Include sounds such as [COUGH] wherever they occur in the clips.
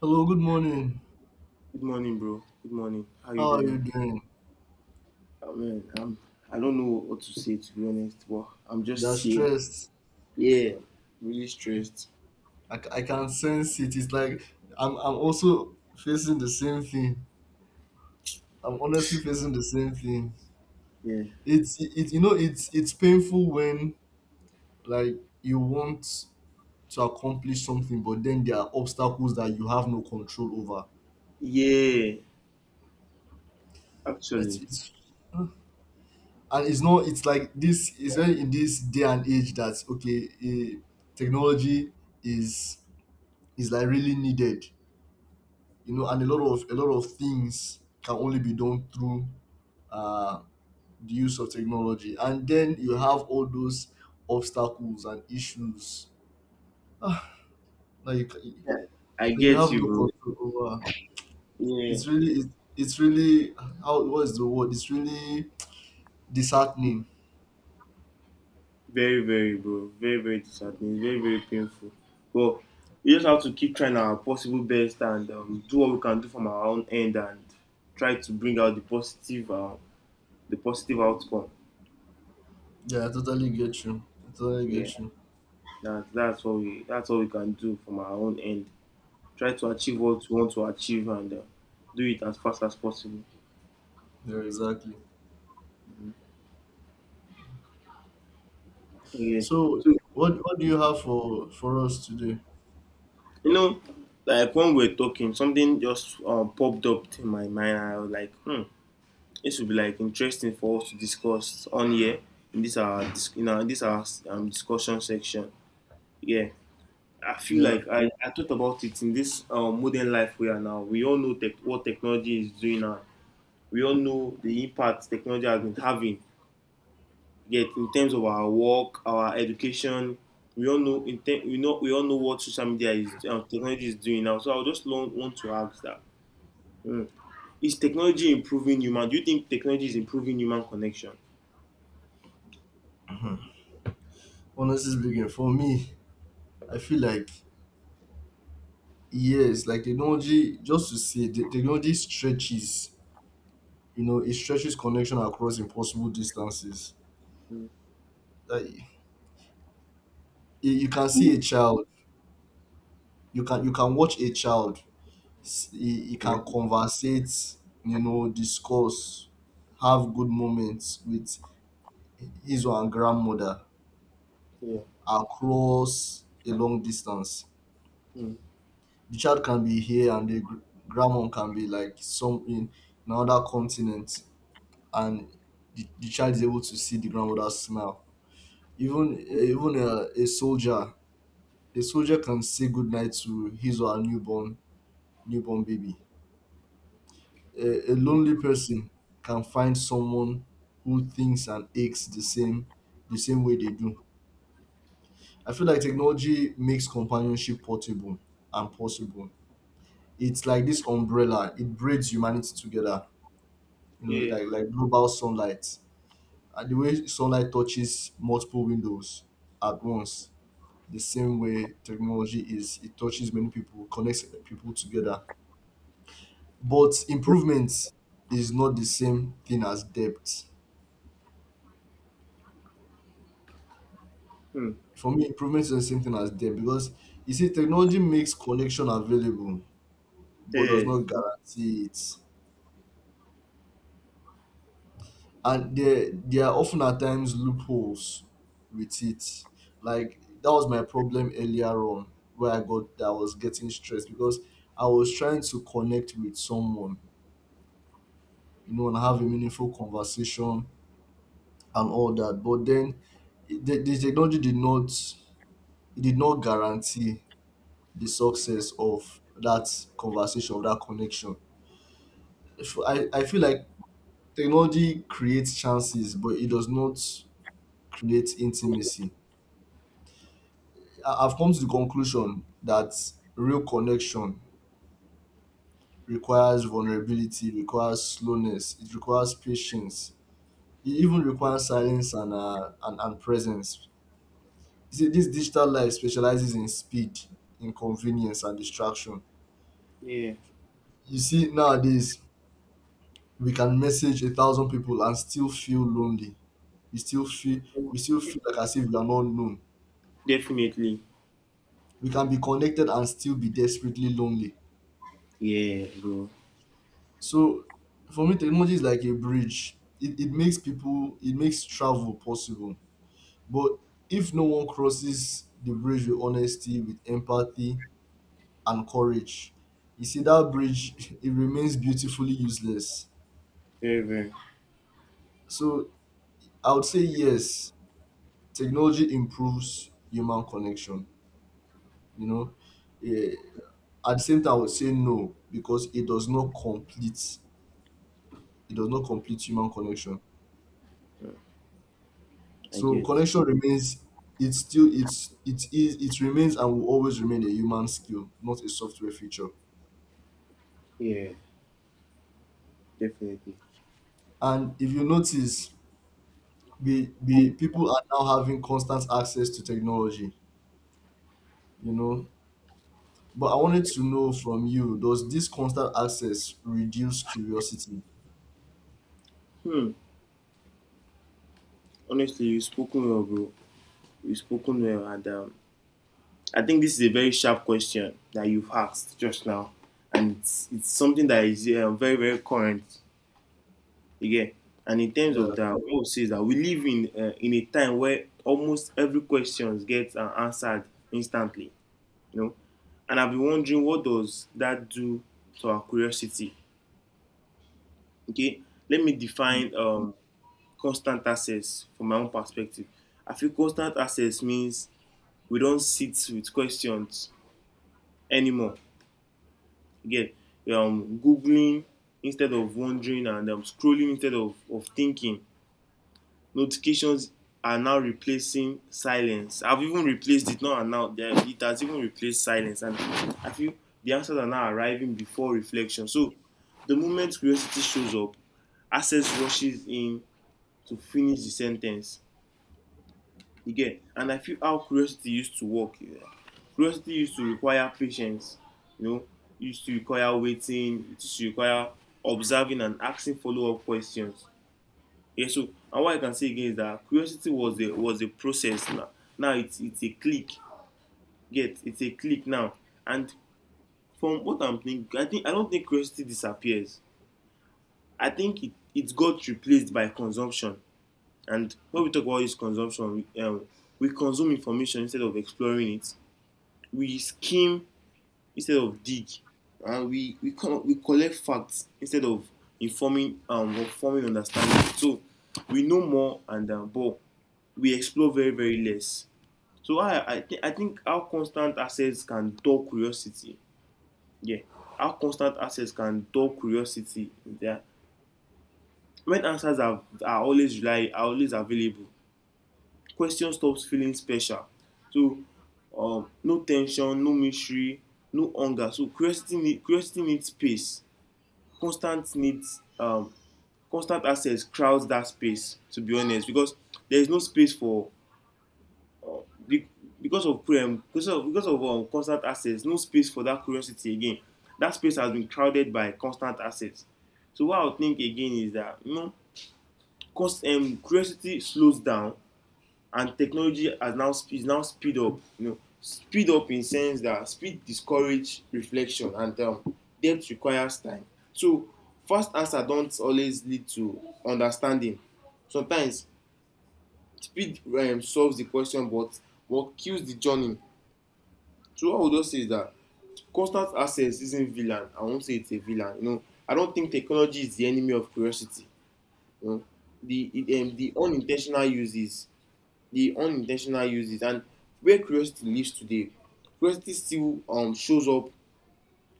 Hello, good morning. Good morning, bro. Good morning. How you How are you doing? doing? Oh, man, I don't know what to say to be honest, but I'm You're just here. stressed. Yeah, really stressed. I, I can sense it. It's like I'm also facing the same thing. I'm honestly facing the same thing. Yeah. It's it, you know it's painful when like you want to accomplish something, but then there are obstacles that you have no control over. Yeah, actually. It's and it's not. It's like this. It's very in this day and age that technology is is like really needed, you know, and a lot of things can only be done through uh, the use of technology. And then you have all those obstacles and issues, ah, that Yeah. I that you get have you, no bro. control over. Yeah. It's really it's, it's really, how, what is the word? It's really disheartening. Very, very, bro. Very, very disheartening. Very, very painful. But we just have to keep trying our possible best and do what we can do from our own end and try to bring out the positive outcome. Yeah, I totally get you. I totally Yeah, get you. that's what we that's what we can do from our own end. Try to achieve what you want to achieve and do it as fast as possible. Yeah, exactly. Yeah. So, So, what do you have for us today? you know, like when we were talking, something just popped up in my mind. I was like, hmm, this would be like interesting for us to discuss on here in this our discussion section. Yeah. I feel Yeah, like I thought about it in this modern life we are now. We all know what technology is doing now. We all know the impact technology has been having get in terms of our work, our education. We all know in te- we know we all know what social media is technology is doing now. So I just want to ask that: mm, is technology improving human? Do you think technology is improving human connection? honestly speaking, for me, I feel like yes, like technology, just to say, the technology stretches, you know, it stretches connection across impossible distances. Mm. Like, you can see a child, you can watch a child, he Yeah. can conversate, you know, discuss, have good moments with his or her grandmother Yeah. across a long distance. Mm. The child can be here and grandmom can be like some in another continent, and the child is able to see the grandmother's smile. Even a soldier can say goodnight to his or her newborn baby. A lonely person can find someone who thinks and aches the same way they do. I feel like technology makes companionship portable and possible. It's like this umbrella; it braids humanity together. You know, Yeah. like global sunlight, and the way sunlight touches multiple windows at once, the same way technology is it touches many people, connects people together. Yeah. But improvement is not the same thing as depth. Mm. For me, improvement is the same thing as depth because you see technology makes connection available but does Yeah. not guarantee it, and there are often at times loopholes with it. Like that was my problem earlier on, where I got that I was getting stressed because I was trying to connect with someone, you know, and have a meaningful conversation and all that. But then the technology did not, it did not guarantee the success of that conversation, of that connection. I feel like technology creates chances, but it does not create intimacy. I- I've come to the conclusion that real connection requires vulnerability, requires slowness, it requires patience, it even requires silence and presence. You see, this digital life specializes in speed, inconvenience, and distraction. Yeah. You see, nowadays we can message a thousand people and still feel lonely. We still feel we still feel like as if we are not known. Definitely. We can be connected and still be desperately lonely. Yeah, bro. So for me, technology is like a bridge. It makes people, it makes travel possible. But if no one crosses the bridge with honesty, with empathy, and courage, you see, that bridge, [LAUGHS] it remains beautifully useless. Very, very. So I would say, yes, technology improves human connection. You know, Eh, at the same time, I would say no, because it does not complete human connection. I So get. connection remains, it's still it's it is it remains and will always remain a human skill, not a software feature. Yeah, definitely. And if you notice, we people are now having constant access to technology, you know. But I wanted to know from you, does this constant access reduce curiosity? Hmm. Honestly, you've spoken well, bro. You've spoken well, and I think this is a very sharp question that you've asked just now, and it's something that is very very current again. And in terms Yeah. of that, what we say is that we live in in a time where almost every question gets answered instantly, you know. And I've been wondering what does that do to our curiosity? Okay, let me Mm. define constant access from my own perspective. I feel constant access means we don't sit with questions anymore. You get googling instead of wondering and scrolling instead of thinking. Notifications are now replacing silence. I've even replaced it now and now. Yeah, it has even replaced silence. And I feel the answers are now arriving before reflection. So the moment curiosity shows up, access rushes in to finish the sentence. Again, and I feel how curiosity used to work. Yeah. Curiosity used to require patience, you know, used to require waiting, it used to require observing and asking follow-up questions. Yeah. So and what I can say again is that curiosity was a process. Now, it's a click. Get it's a click now. And from what I'm thinking, I think I don't think curiosity disappears. I think it got replaced by consumption. And when we talk about this consumption, we consume information instead of exploring it. We skim instead of dig. And we collect facts instead of informing or forming understanding. So we know more and but we explore very very less. So I think our constant access can dull curiosity. Yeah. Our constant access can dull curiosity. Yeah. When answers are always available, question stops feeling special. So no tension, no mystery, no hunger. So curiosity needs space. Constant needs, um, constant access crowds that space. To be honest, because there is no space for uh, be- because of constant access, no space for that curiosity again. That space has been crowded by constant access. So what I would think again is that you know, cause curiosity slows down and technology has now is now speed up, you know, speed up in sense that speed discourages reflection and depth requires time. So fast answer don't always lead to understanding. Sometimes speed solves the question but what kills the journey. So what I would just say is that constant access isn't villain, I won't say it's a villain, you know, I don't think technology is the enemy of curiosity. You know, the it, um, the unintentional uses the unintentional uses and where curiosity lives today, curiosity still shows up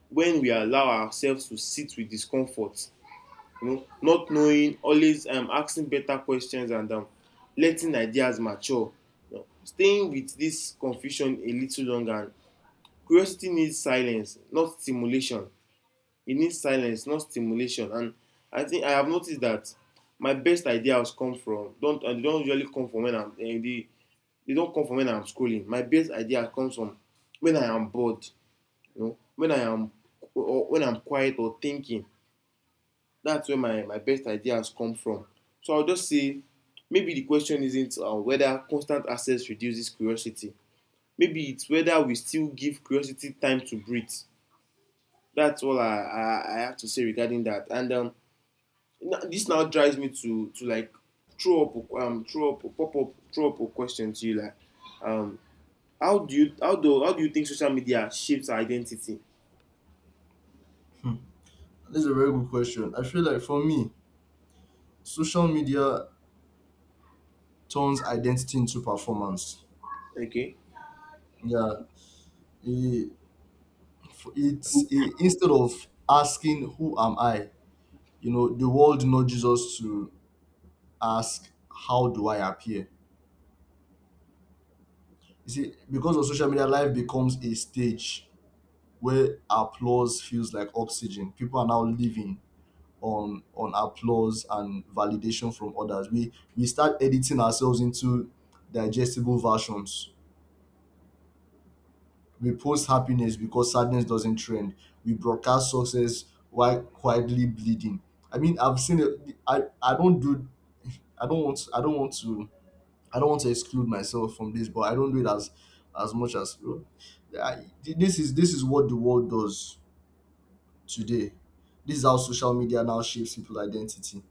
when we allow ourselves to sit with discomfort, you know, not knowing always, asking better questions and letting ideas mature, you know, staying with this confusion a little longer. Curiosity needs silence not stimulation. It needs silence not stimulation. And I think I have noticed that my best ideas come from don't and don't usually come from when I'm they don't come from when I am scrolling. My best idea comes from when I am bored, you know, when I am or when I'm quiet or thinking. That's where my best ideas come from. So I'll just say maybe the question isn't whether constant access reduces curiosity. Maybe it's whether we still give curiosity time to breathe. That's all I have to say regarding that. And this now drives me to like throw up throw up a question to you like um how do you think social media shapes our identity? Hmm. That's a very good question. I feel like for me, social media turns identity into performance. Okay. Yeah. It, f- it's I- Instead of asking who am I, you know, the world nudges us to ask how do I appear. You see, because of social media, life becomes a stage where applause feels like oxygen. People are now living on applause and validation from others. We start editing ourselves into digestible versions. We post happiness because sadness doesn't trend. We broadcast success while quietly bleeding. I mean, I've seen it. I don't do. I don't want. I don't want to. I don't want to exclude myself from this, but I don't do it as much as. I, this is what the world does today. This is how social media now shapes people's identity.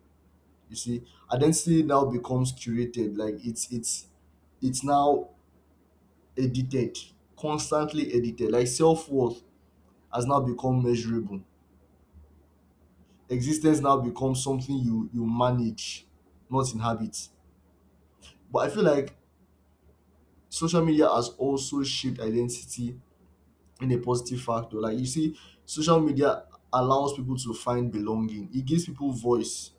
You see, identity now becomes curated. Like it's now edited, constantly edited. Like self worth has now become measurable. Existence now becomes something you manage, not inhabit. But I feel like social media has also shaped identity in a positive factor. Like you see, social media allows people to find belonging. It gives people voice.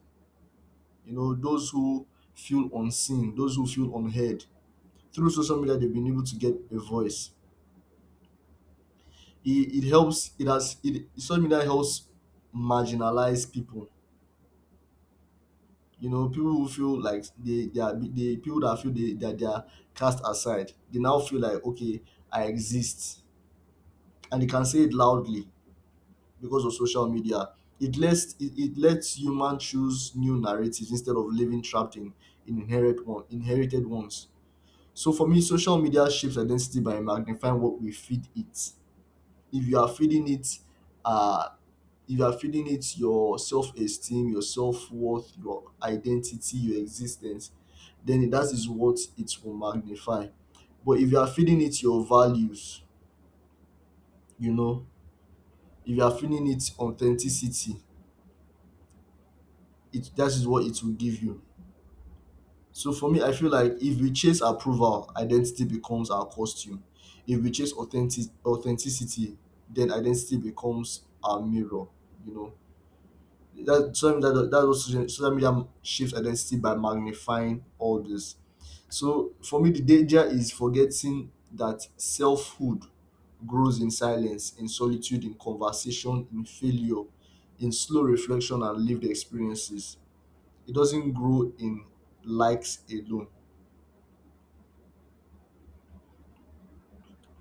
You know, those who feel unseen, those who feel unheard. Through social media, they've been able to get a voice. It helps. It has. It Social media helps marginalize people, you know, people who feel like they are they people that feel they are cast aside. They now feel like okay, I exist, and they can say it loudly because of social media. It it lets human choose new narratives instead of living trapped in, inherent one inherited ones. So for me, social media shapes identity by magnifying what we feed it. If you are feeding it uh if you are feeling it, your self esteem, your self worth, your identity, your existence, then that is what it will magnify. But if you are feeling it, your values, you know, if you are feeling it, authenticity, it that is what it will give you. So for me, I feel like if we chase approval, identity becomes our costume. If we chase authentic authenticity, then identity becomes our mirror. You know, that so that that that was social media shapes identity by magnifying all this. So for me, the danger is forgetting that selfhood grows in silence, in solitude, in conversation, in failure, in slow reflection and lived experiences. It doesn't grow in likes alone.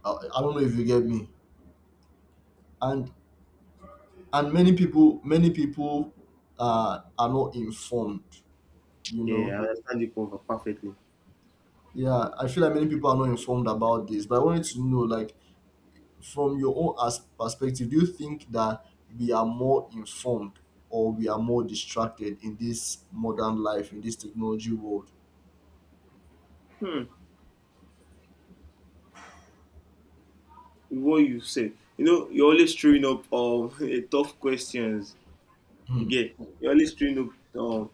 I don't know if you get me. And many people are not informed. You know, Yeah, I understand you cover perfectly. yeah, I feel like many people are not informed about this, but I wanted to know, like, from your own perspective, do you think that we are more informed or we are more distracted in this modern life, in this technology world? Hmm. What you said. You know, you're always throwing up [LAUGHS] tough questions. Hmm. Again, you're always throwing up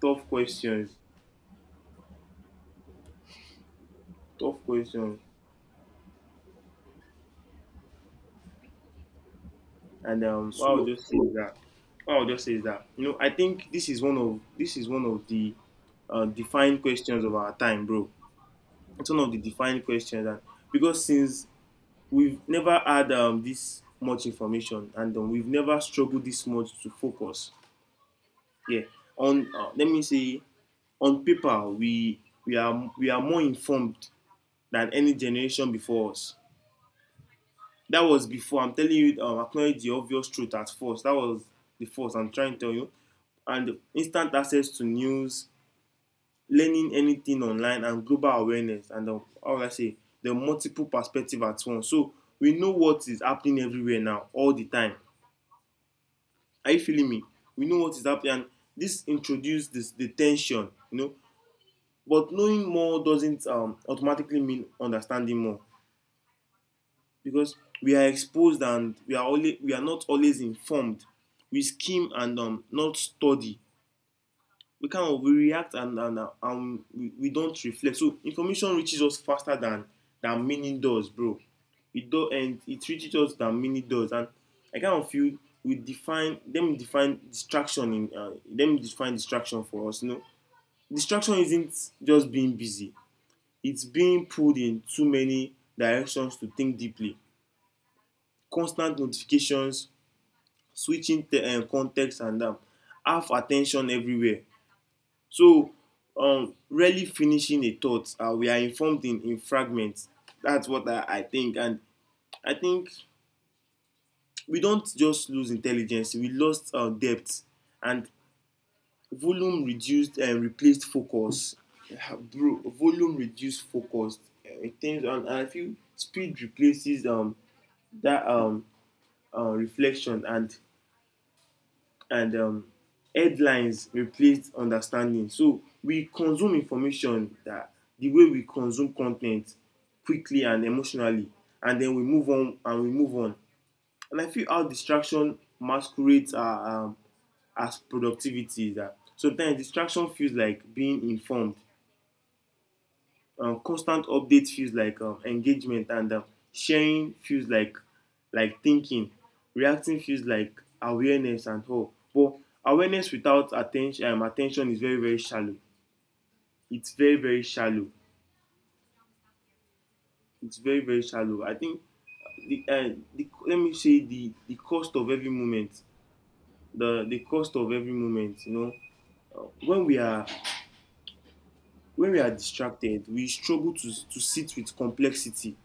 tough questions. Tough questions. And what I'll So, just say is that you know, I think this is one of the defined questions of our time, bro. It's one of the defined questions that because since we've never had this much information and we've never struggled this much to focus. Yeah. On let me say on paper we are more informed than any generation before us. That was before. I'm telling you, acknowledge the obvious truth at first. That was the first I'm trying to tell you. And instant access to news, learning anything online and global awareness and how would I say, the multiple perspective at once. So we know what is happening everywhere now all the time. Are you feeling me? We know what is happening, and this introduced this, the tension, you know. But knowing more doesn't automatically mean understanding more, because we are exposed and we are not always informed. We skim and not study. We kind of we react and we don't reflect. So information reaches us faster than meaning does, bro. It do and it reaches us than meaning does. And I kind of feel we define them define distraction in them define distraction for us, you know. Distraction isn't just being busy, it's being pulled in too many directions to think deeply. Constant notifications, switching context and half attention everywhere. So, rarely finishing a thought, we are informed in fragments. That's what I think. And I think we don't just lose intelligence, we lost depth. And volume reduced and replaced focus. Bro, volume reduced focus. It things, and I feel speed replaces that reflection and and um, headlines replace understanding. So we consume information that the way we consume content quickly and emotionally, and then we move on and we move on. And I feel how distraction masquerades are, as productivity. That sometimes distraction feels like being informed, constant update feels like engagement, and sharing feels like thinking, reacting feels like awareness and all. But awareness without attention is very very shallow. It's very very shallow. It's very very shallow, I think. the, uh, the let me say the cost of every moment, the cost of every moment. when we are when we are distracted, we struggle to sit with complexity,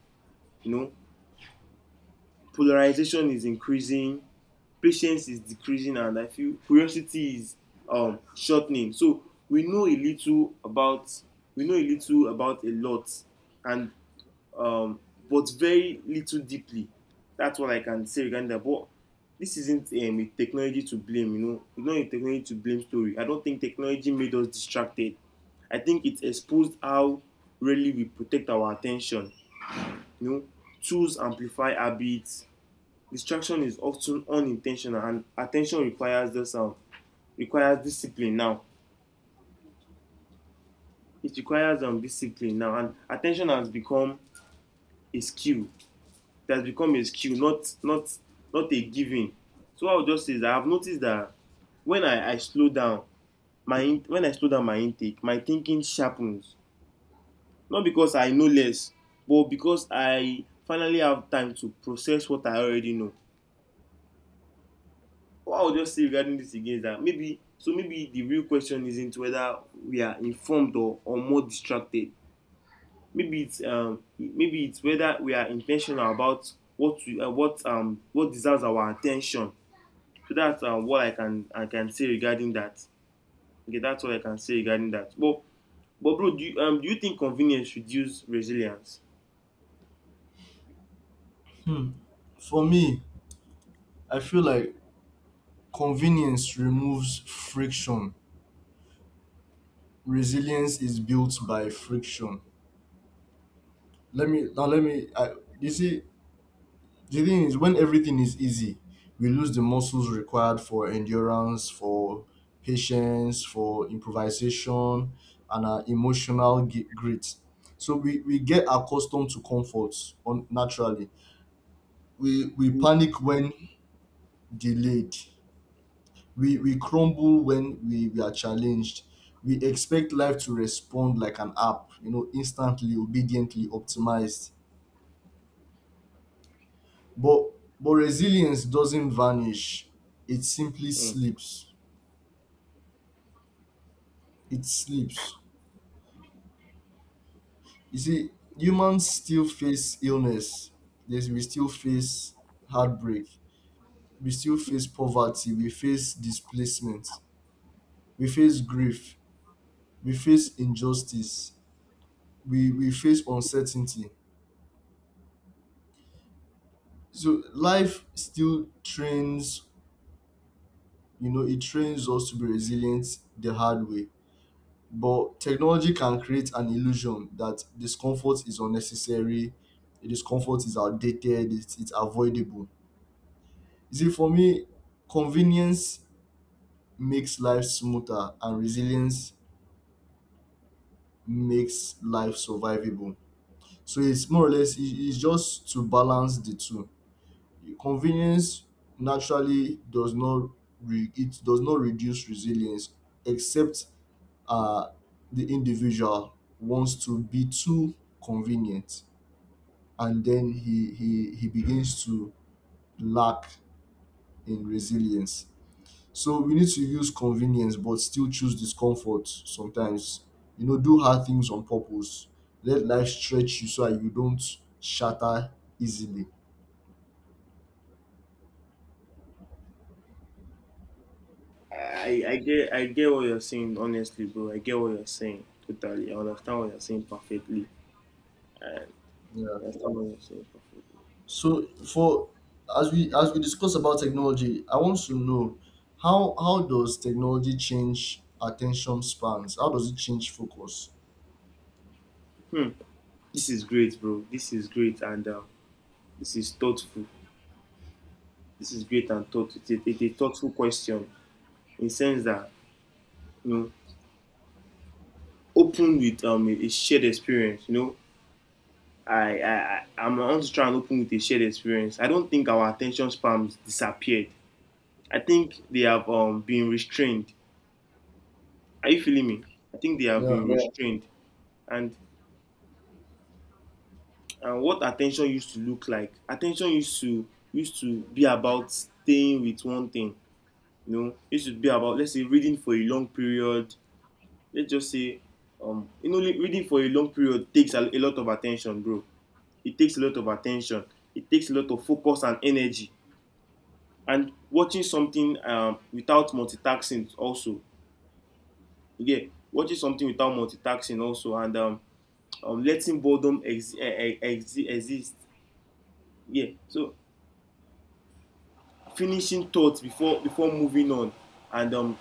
you know. Polarization is increasing, patience is decreasing, and I feel curiosity is shortening. So we know a little about we know a little about a lot, and um, but very little deeply. That's what I can say regarding that. But this isn't a technology to blame. It's not a technology to blame story. I don't think technology made us distracted. I think it exposed how really we protect our attention, you know. Tools amplify habits, distraction is often unintentional, and attention requires this requires discipline now. It requires discipline now, and attention has become a skill. It has become a skill, not a given. So I will just say is I have noticed that when I slow down my intake, my thinking sharpens, not because I know less, but because I finally have time to process what I already know. What I would just say regarding this again is that maybe the real question isn't whether we are informed or more distracted. Maybe it's whether we are intentional about what we, what deserves our attention. So that's what I can say regarding that. Okay, that's what I can say regarding that. But bro, do you think convenience should use resilience? hmm, for me, I feel like convenience removes friction. Resilience is built by friction. Let me now. Let me. I, You see, the thing is, when everything is easy, we lose the muscles required for endurance, for patience, for improvisation, and our emotional grit. So we get accustomed to comfort naturally. We panic when delayed. We crumble when we are challenged. We expect life to respond like an app, you know, instantly, obediently, optimized. But resilience doesn't vanish. It simply Mm. sleeps. It sleeps. You see, humans still face illness. Yes, we still face heartbreak. We still face poverty. We face displacement. We face grief. We face injustice. We face uncertainty. So life still trains, you know, it trains us to be resilient the hard way. But technology can create an illusion that discomfort is unnecessary, discomfort is outdated, it's avoidable. You see, for me, convenience makes life smoother and resilience makes life survivable. So it's more or less, it's just to balance the two. Convenience naturally does not, it does not reduce resilience, except uh, the individual wants to be too convenient, and then he begins to lack in resilience. So we need to use convenience but still choose discomfort sometimes. You know, do hard things on purpose. Let life stretch you so that you don't shatter easily. I get what you're saying, honestly, bro. I get what you're saying totally. I understand what you're saying perfectly. Yeah. I understand what you're saying perfectly. So for, as we discuss about technology, I want to know how, does technology change attention spans? How does it change focus? Hmm, this is great, bro. This is great, and this is thoughtful. This is great and thoughtful. It's a thoughtful question, in sense that, you know, open with a shared experience. You know, I- I'm want to try and open with a shared experience. I don't think our attention spans disappeared. I think they have been restrained. Are you feeling me? I think they have Yeah. been Yeah. restrained, and what attention used to look like. Attention used to be about staying with one thing. You know, it should be about, let's say, reading for a long period. Let's just say, you know, reading for a long period takes a lot of attention, bro. It takes a lot of attention. It takes a lot of focus and energy. And watching something without multitasking also, yeah, watching something without multitasking also, and letting boredom exist. Yeah, so finishing thoughts before moving on, and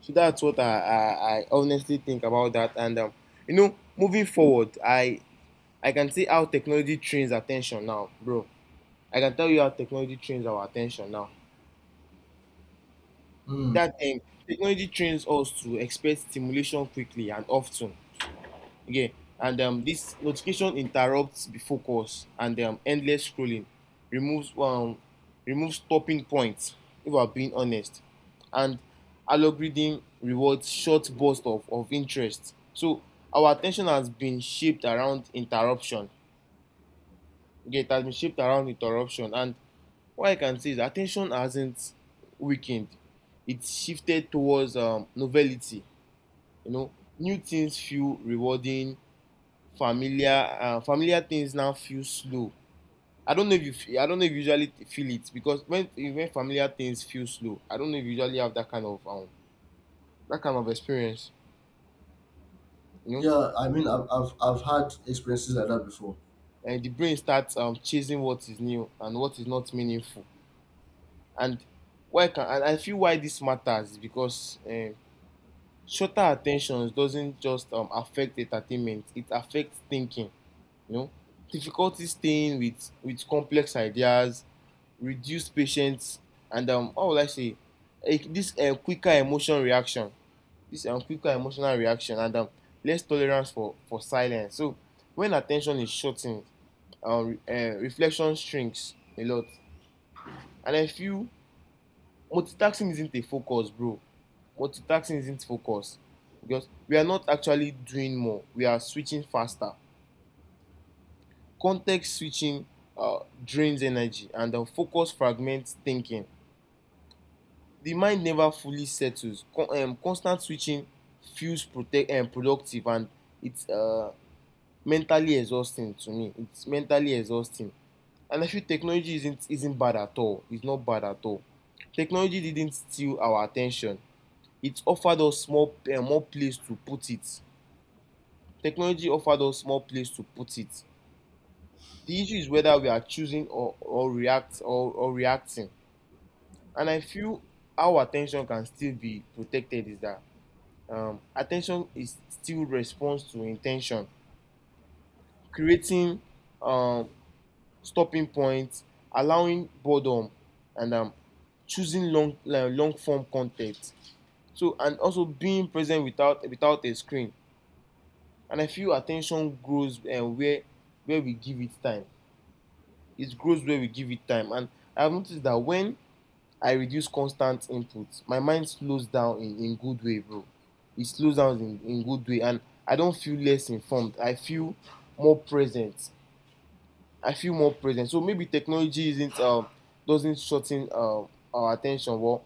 so that's what I honestly think about that. And you know, moving forward, I can see how technology trains attention now, bro. I can tell you how technology trains our attention now. Mm. That thing, technology trains us to expect stimulation quickly and often. Yeah, and this notification interrupts the focus, and endless scrolling removes um removes stopping points. If I'm being honest, and algorithm rewards short bursts of interest. So our attention has been shaped around interruption. Okay, it has been shaped around interruption. And what I can say is attention hasn't weakened. It's shifted towards novelty. You know, new things feel rewarding. Familiar things now feel slow. I don't know if you, I don't know if you usually feel it, because when familiar things feel slow, I don't know if you usually have that kind of experience. You know, Yeah. I mean, I've had experiences like that before. and the brain starts chasing what is new and what is not meaningful. And why can and I feel why this matters is because shorter attentions doesn't just affect entertainment; it affects thinking. You know, difficulty staying with complex ideas, reduced patience, and how will I say, eh, this quicker emotion reaction, this quicker emotional reaction, and less tolerance for silence. So when attention is shortened, um, re- reflection shrinks a lot. And I feel multitasking isn't a focus, bro. Multitasking isn't focus, because we are not actually doing more. We are switching faster. Context switching drains energy, and the focus fragments thinking. The mind never fully settles. Constant switching feels protect productive, and it's mentally exhausting to me. It's mentally exhausting, and I feel technology isn't bad at all. It's not bad at all. Technology didn't steal our attention. It offered us small more place to put it. Technology offered us more place to put it. The issue is whether we are choosing or reacting. And I feel our attention can still be protected, is that attention is still response to intention, creating um, stopping points, allowing boredom, and choosing long long form content. So and also being present without a screen. And I feel attention grows where we give it time. It grows where we give it time. And I have noticed that when I reduce constant input, my mind slows down in good way, bro. It slows down in good way. And I don't feel less informed, I feel more present. I feel more present. So maybe technology isn't doesn't shorten our attention. Well,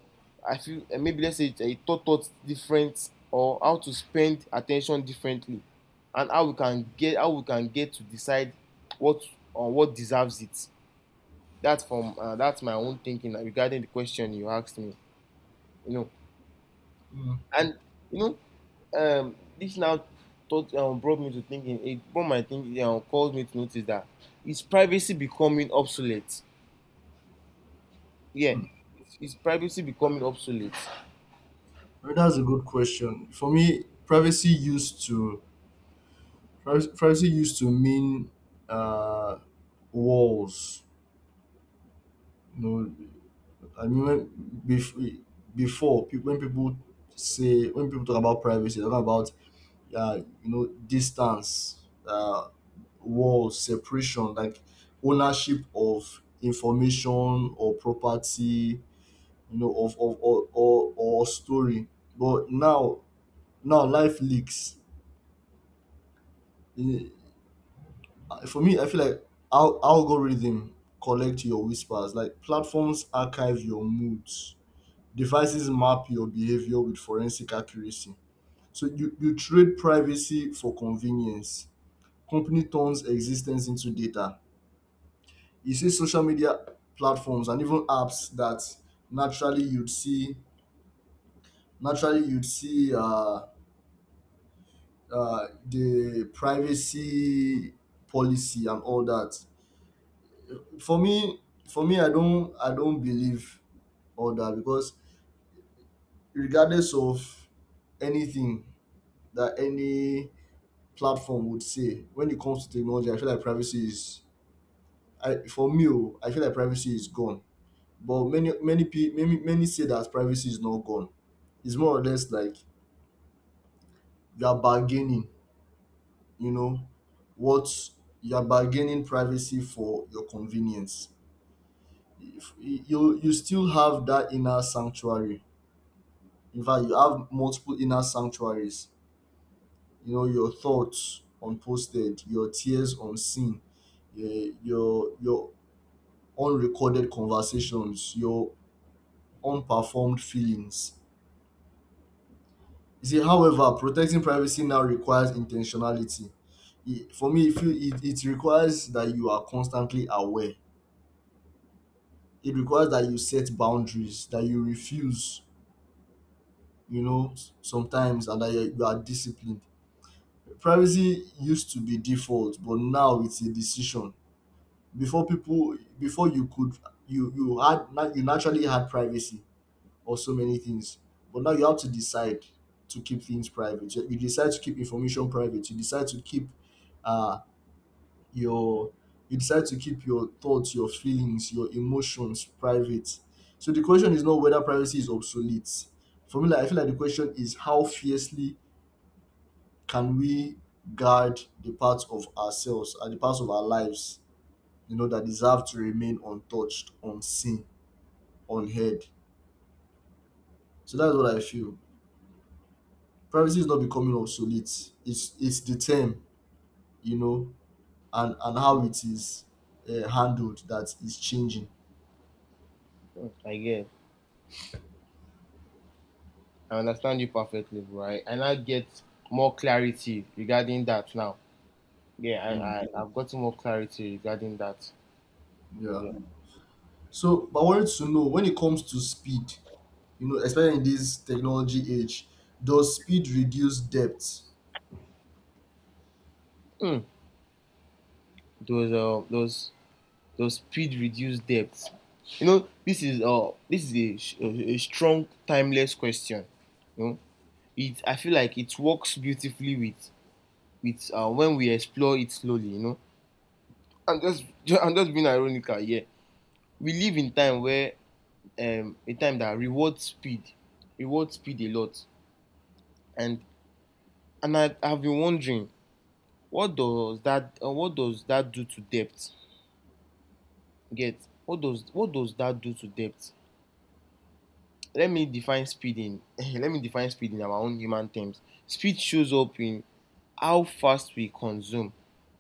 I feel maybe let's say it, it taught us different, or how to spend attention differently, and how we can get to decide what or what deserves it. That's from that's my own thinking regarding the question you asked me. You know, Mhm. and you know, this now thought, brought me to thinking. It brought my thinking, caused me to notice that is privacy becoming obsolete. Yeah, it's privacy becoming obsolete. Well, that's a good question. For me, privacy used to mean uh, walls. You know, I mean, when- bef- before pe- when people say when people talk about privacy, they talk about, you know, distance, walls, separation, like ownership of information or property, you know, of or story. But now, now life leaks. Mm, for me, I feel like algorithm collect your whispers. Like platforms archive your moods. Devices map your behavior with forensic accuracy. So you trade privacy for convenience. Company turns existence into data. You see social media platforms and even apps that naturally you'd see naturally you'd see uh, the privacy policy and all that. For me, for me, I don't believe all that because regardless of anything that any platform would say when it comes to technology, I feel like privacy is, I for me, oh, I feel like privacy is gone. But many, many people, many, many say that privacy is not gone. It's more or less like you are bargaining. You know, what you are bargaining privacy for your convenience. You still have that inner sanctuary. In fact, you have multiple inner sanctuaries. You know, your thoughts unposted, your tears unseen, your unrecorded conversations, your unperformed feelings. You see, however, protecting privacy now requires intentionality. It, for me, if you, It requires that you are constantly aware. It requires that you set boundaries, that you refuse, you know, sometimes, and that you are disciplined. Privacy used to be default, but now it's a decision. Before you could, you naturally had privacy or so many things, but now you have to decide to keep things private. You decide to keep information private. Uh your you decide to keep your thoughts, your feelings, your emotions private. So the question is not whether privacy is obsolete. For me, like, I feel like the question is how fiercely can we guard the parts of ourselves and the parts of our lives, you know, that deserve to remain untouched, unseen, unheard? So that's what I feel. Privacy is not becoming obsolete. It's the term, you know, and how it is handled that is changing. Mm, I get. I understand you perfectly, right? And I now get more clarity regarding that now. Yeah, Mm, I've gotten more clarity regarding that. yeah. Yeah. So, but I wanted to know when it comes to speed, you know, especially in this technology age, does speed reduce depth? Mm. Those uh those those speed reduced depth. You know, this is a, a strong timeless question. You know, it I feel like it works beautifully with when we explore it slowly. You know, I'm just [LAUGHS] I'm just being ironical. Yeah, we live in time where a time that rewards speed a lot, and I have been wondering what does that do to depth? Get what does that do to depth? Let me define speed in [LAUGHS] let me define speed in our own human terms. Speed shows up in how fast we consume,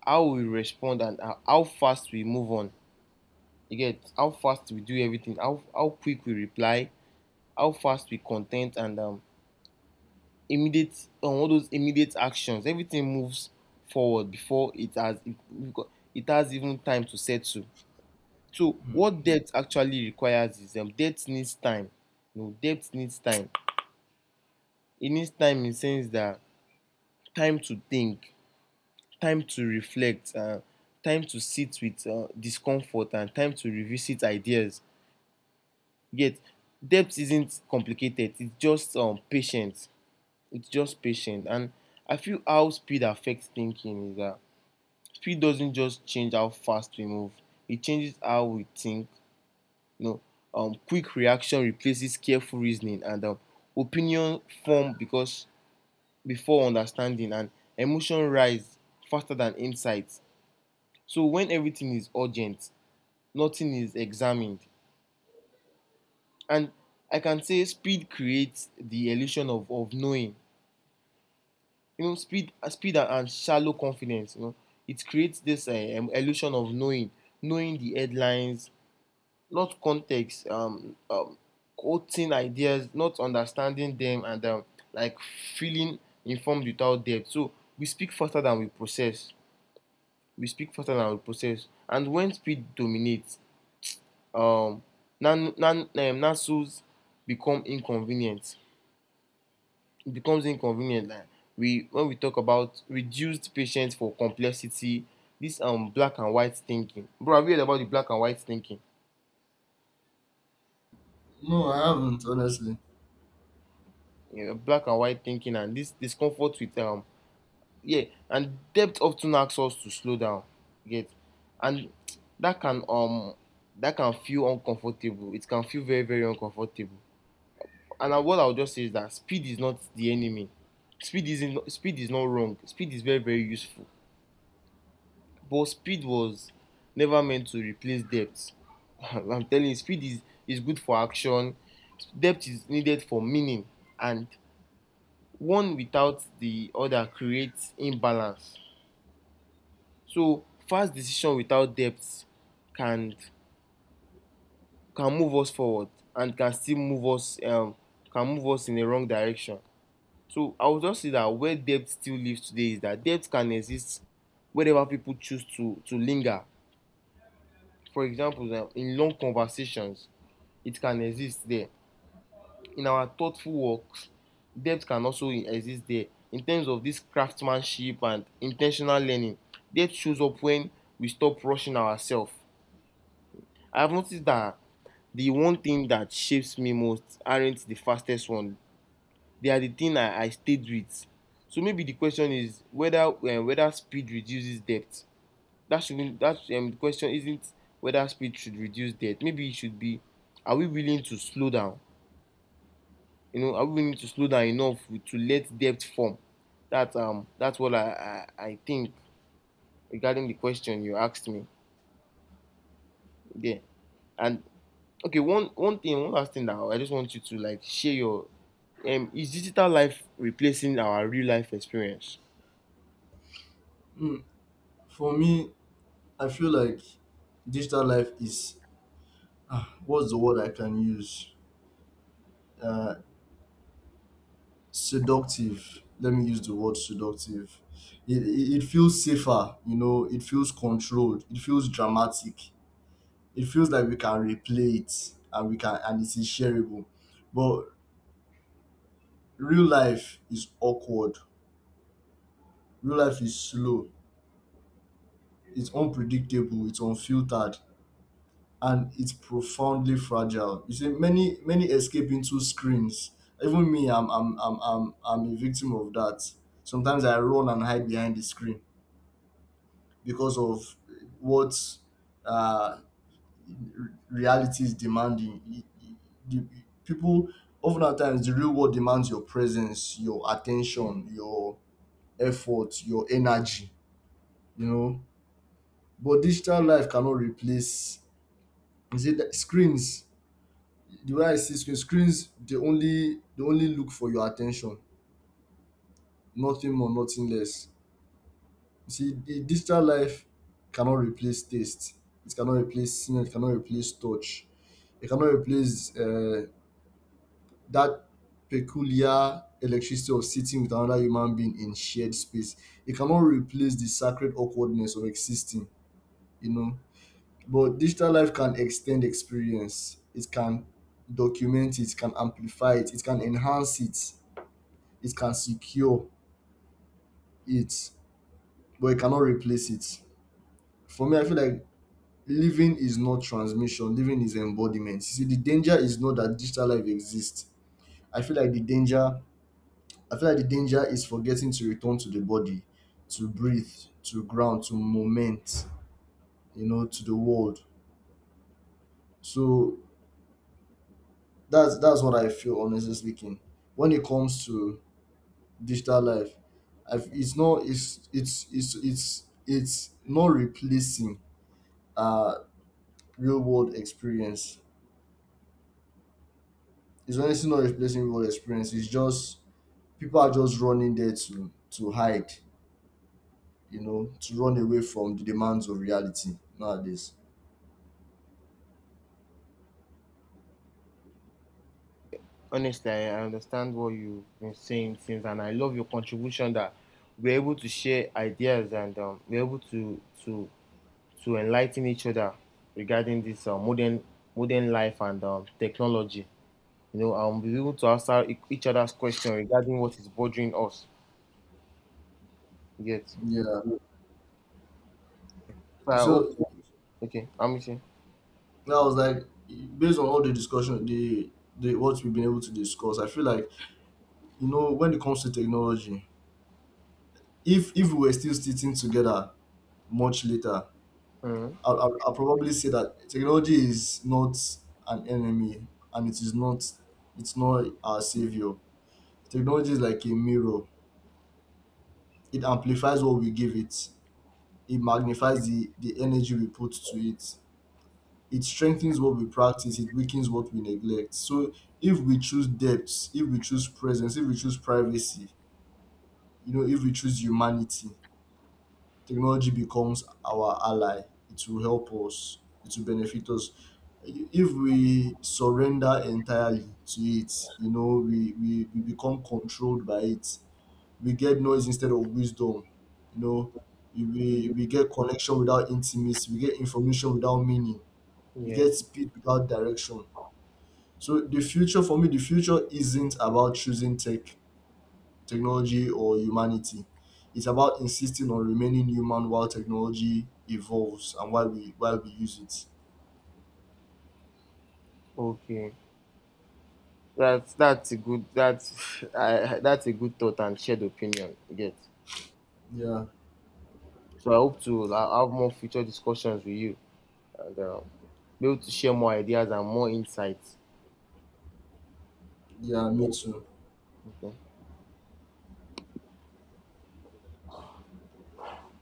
how we respond, and how fast we move on. You get how fast we do everything, how quick we reply, how fast we content, and immediate on all those immediate actions. Everything moves forward before it has even time to settle. So Mm. what debt actually requires is debt needs time. You know, debt needs time. It needs time, in the sense that, time to think, time to reflect, time to sit with discomfort, and time to revisit ideas. Yet debt isn't complicated, it's just patient. It's just patient. And I feel how speed affects thinking is that speed doesn't just change how fast we move, it changes how we think. You know, quick reaction replaces careful reasoning, and opinion form because before understanding, and emotion rise faster than insights. So when everything is urgent, nothing is examined. And I can say speed creates the illusion of knowing. You know, speed and shallow confidence, you know. It creates this illusion of knowing, knowing the headlines, not context, quoting ideas, not understanding them, and like feeling informed without depth. So we speak faster than we process. We speak faster than we process. And when speed dominates, um, nasos become inconvenient. It becomes inconvenient. Like we, when we talk about reduced patience for complexity, this black and white thinking. Bro, have you heard about the black and white thinking? No, I haven't honestly. Yeah, black and white thinking, and this discomfort with yeah, and depth often asks us to slow down. You get, and that can um that can feel uncomfortable. It can feel very very uncomfortable. And I, what I'll just say is that speed is not the enemy. Speed is not wrong. Speed is very very useful. But speed was never meant to replace depth. [LAUGHS] I'm telling you, speed is good for action. Depth is needed for meaning, and one without the other creates imbalance. So fast decision without depth can can move us forward, and can still move us, can move us in the wrong direction. So I would just say that where depth still lives today is that depth can exist wherever people choose to linger. For example, in long conversations, it can exist there. In our thoughtful works, depth can also exist there. In terms of this craftsmanship and intentional learning, depth shows up when we stop rushing ourselves. I have noticed that the one thing that shapes me most aren't the fastest one. They are the thing I stayed with. So maybe the question is whether whether speed reduces depth. That shouldn't that the question isn't whether speed should reduce depth. Maybe it should be, are we willing to slow down? You know, are we willing to slow down enough to let depth form? That that's what I think regarding the question you asked me. Yeah. And okay, one thing, one last thing that I just want you to like share your is digital life replacing our real life experience? Mm. For me, I feel like digital life is, what's the word I can use? Uh, Seductive. Let me use the word seductive. It feels safer, you know, it feels controlled, it feels dramatic, it feels like we can replay it and we can, and it's shareable. But real life is awkward, real life is slow, it's unpredictable, it's unfiltered, and it's profoundly fragile. You see, many many escape into screens. Even me, I'm a victim of that. Sometimes I run and hide behind the screen because of what uh, reality is demanding. Y- y- The people Often at times the real world demands your presence, your attention, your effort, your energy. You know, but digital life cannot replace. Is it screens? The way I see screen, screens, they only look for your attention, nothing more, nothing less. You see, the digital life cannot replace taste. It cannot replace smell. It cannot replace touch. It cannot replace that peculiar electricity of sitting with another human being in shared space. It cannot replace the sacred awkwardness of existing. You know, but digital life can extend experience. It can document it. It can amplify it. It can enhance it, it can secure it, but it cannot replace it. For me, I feel like living is not transmission, living is embodiment. You see, the danger is not that digital life exists. I feel like the danger I feel like the danger is forgetting to return to the body, to breathe, to ground, to moment, you know, to the world. So that's what I feel, honestly speaking. When it comes to digital life, it's not, it's not replacing uh real world experience. It's honestly not replacing real world experience. It's just people are just running there to hide, you know, to run away from the demands of reality nowadays. Honestly, I understand what you've been saying since, and I love your contribution that we're able to share ideas, and we're able to to enlighten each other regarding this modern life and technology. You know, and we're able to answer each other's question regarding what is bothering us. Yet, Yeah. so I hope. So Okay, I'm with yeah, I was like, based on all the discussion, the what we've been able to discuss, I feel like, you know, when it comes to technology, if we were still sitting together much later, Mhm. I'll probably say that technology is not an enemy, and it is not, it's not our savior. Technology is like a mirror. It amplifies what we give it. It magnifies the energy we put to it. It strengthens what we practice. It weakens what we neglect. So if we choose depth, if we choose presence, if we choose privacy, you know, if we choose humanity, technology becomes our ally. It will help us. It will benefit us. If we surrender entirely to it, you know, we become controlled by it, we get noise instead of wisdom, you know, we get connection without intimacy, we get information without meaning, we Yeah. get speed without direction. So the future, for me, the future isn't about choosing technology or humanity. It's about insisting on remaining human while technology evolves and while we use it. Okay. That's a good that's [LAUGHS] that's a good thought and shared opinion, you get. Yeah, So I hope to have more future discussions with you, and be able to share more ideas and more insights. yeah Yeah. me too. Okay.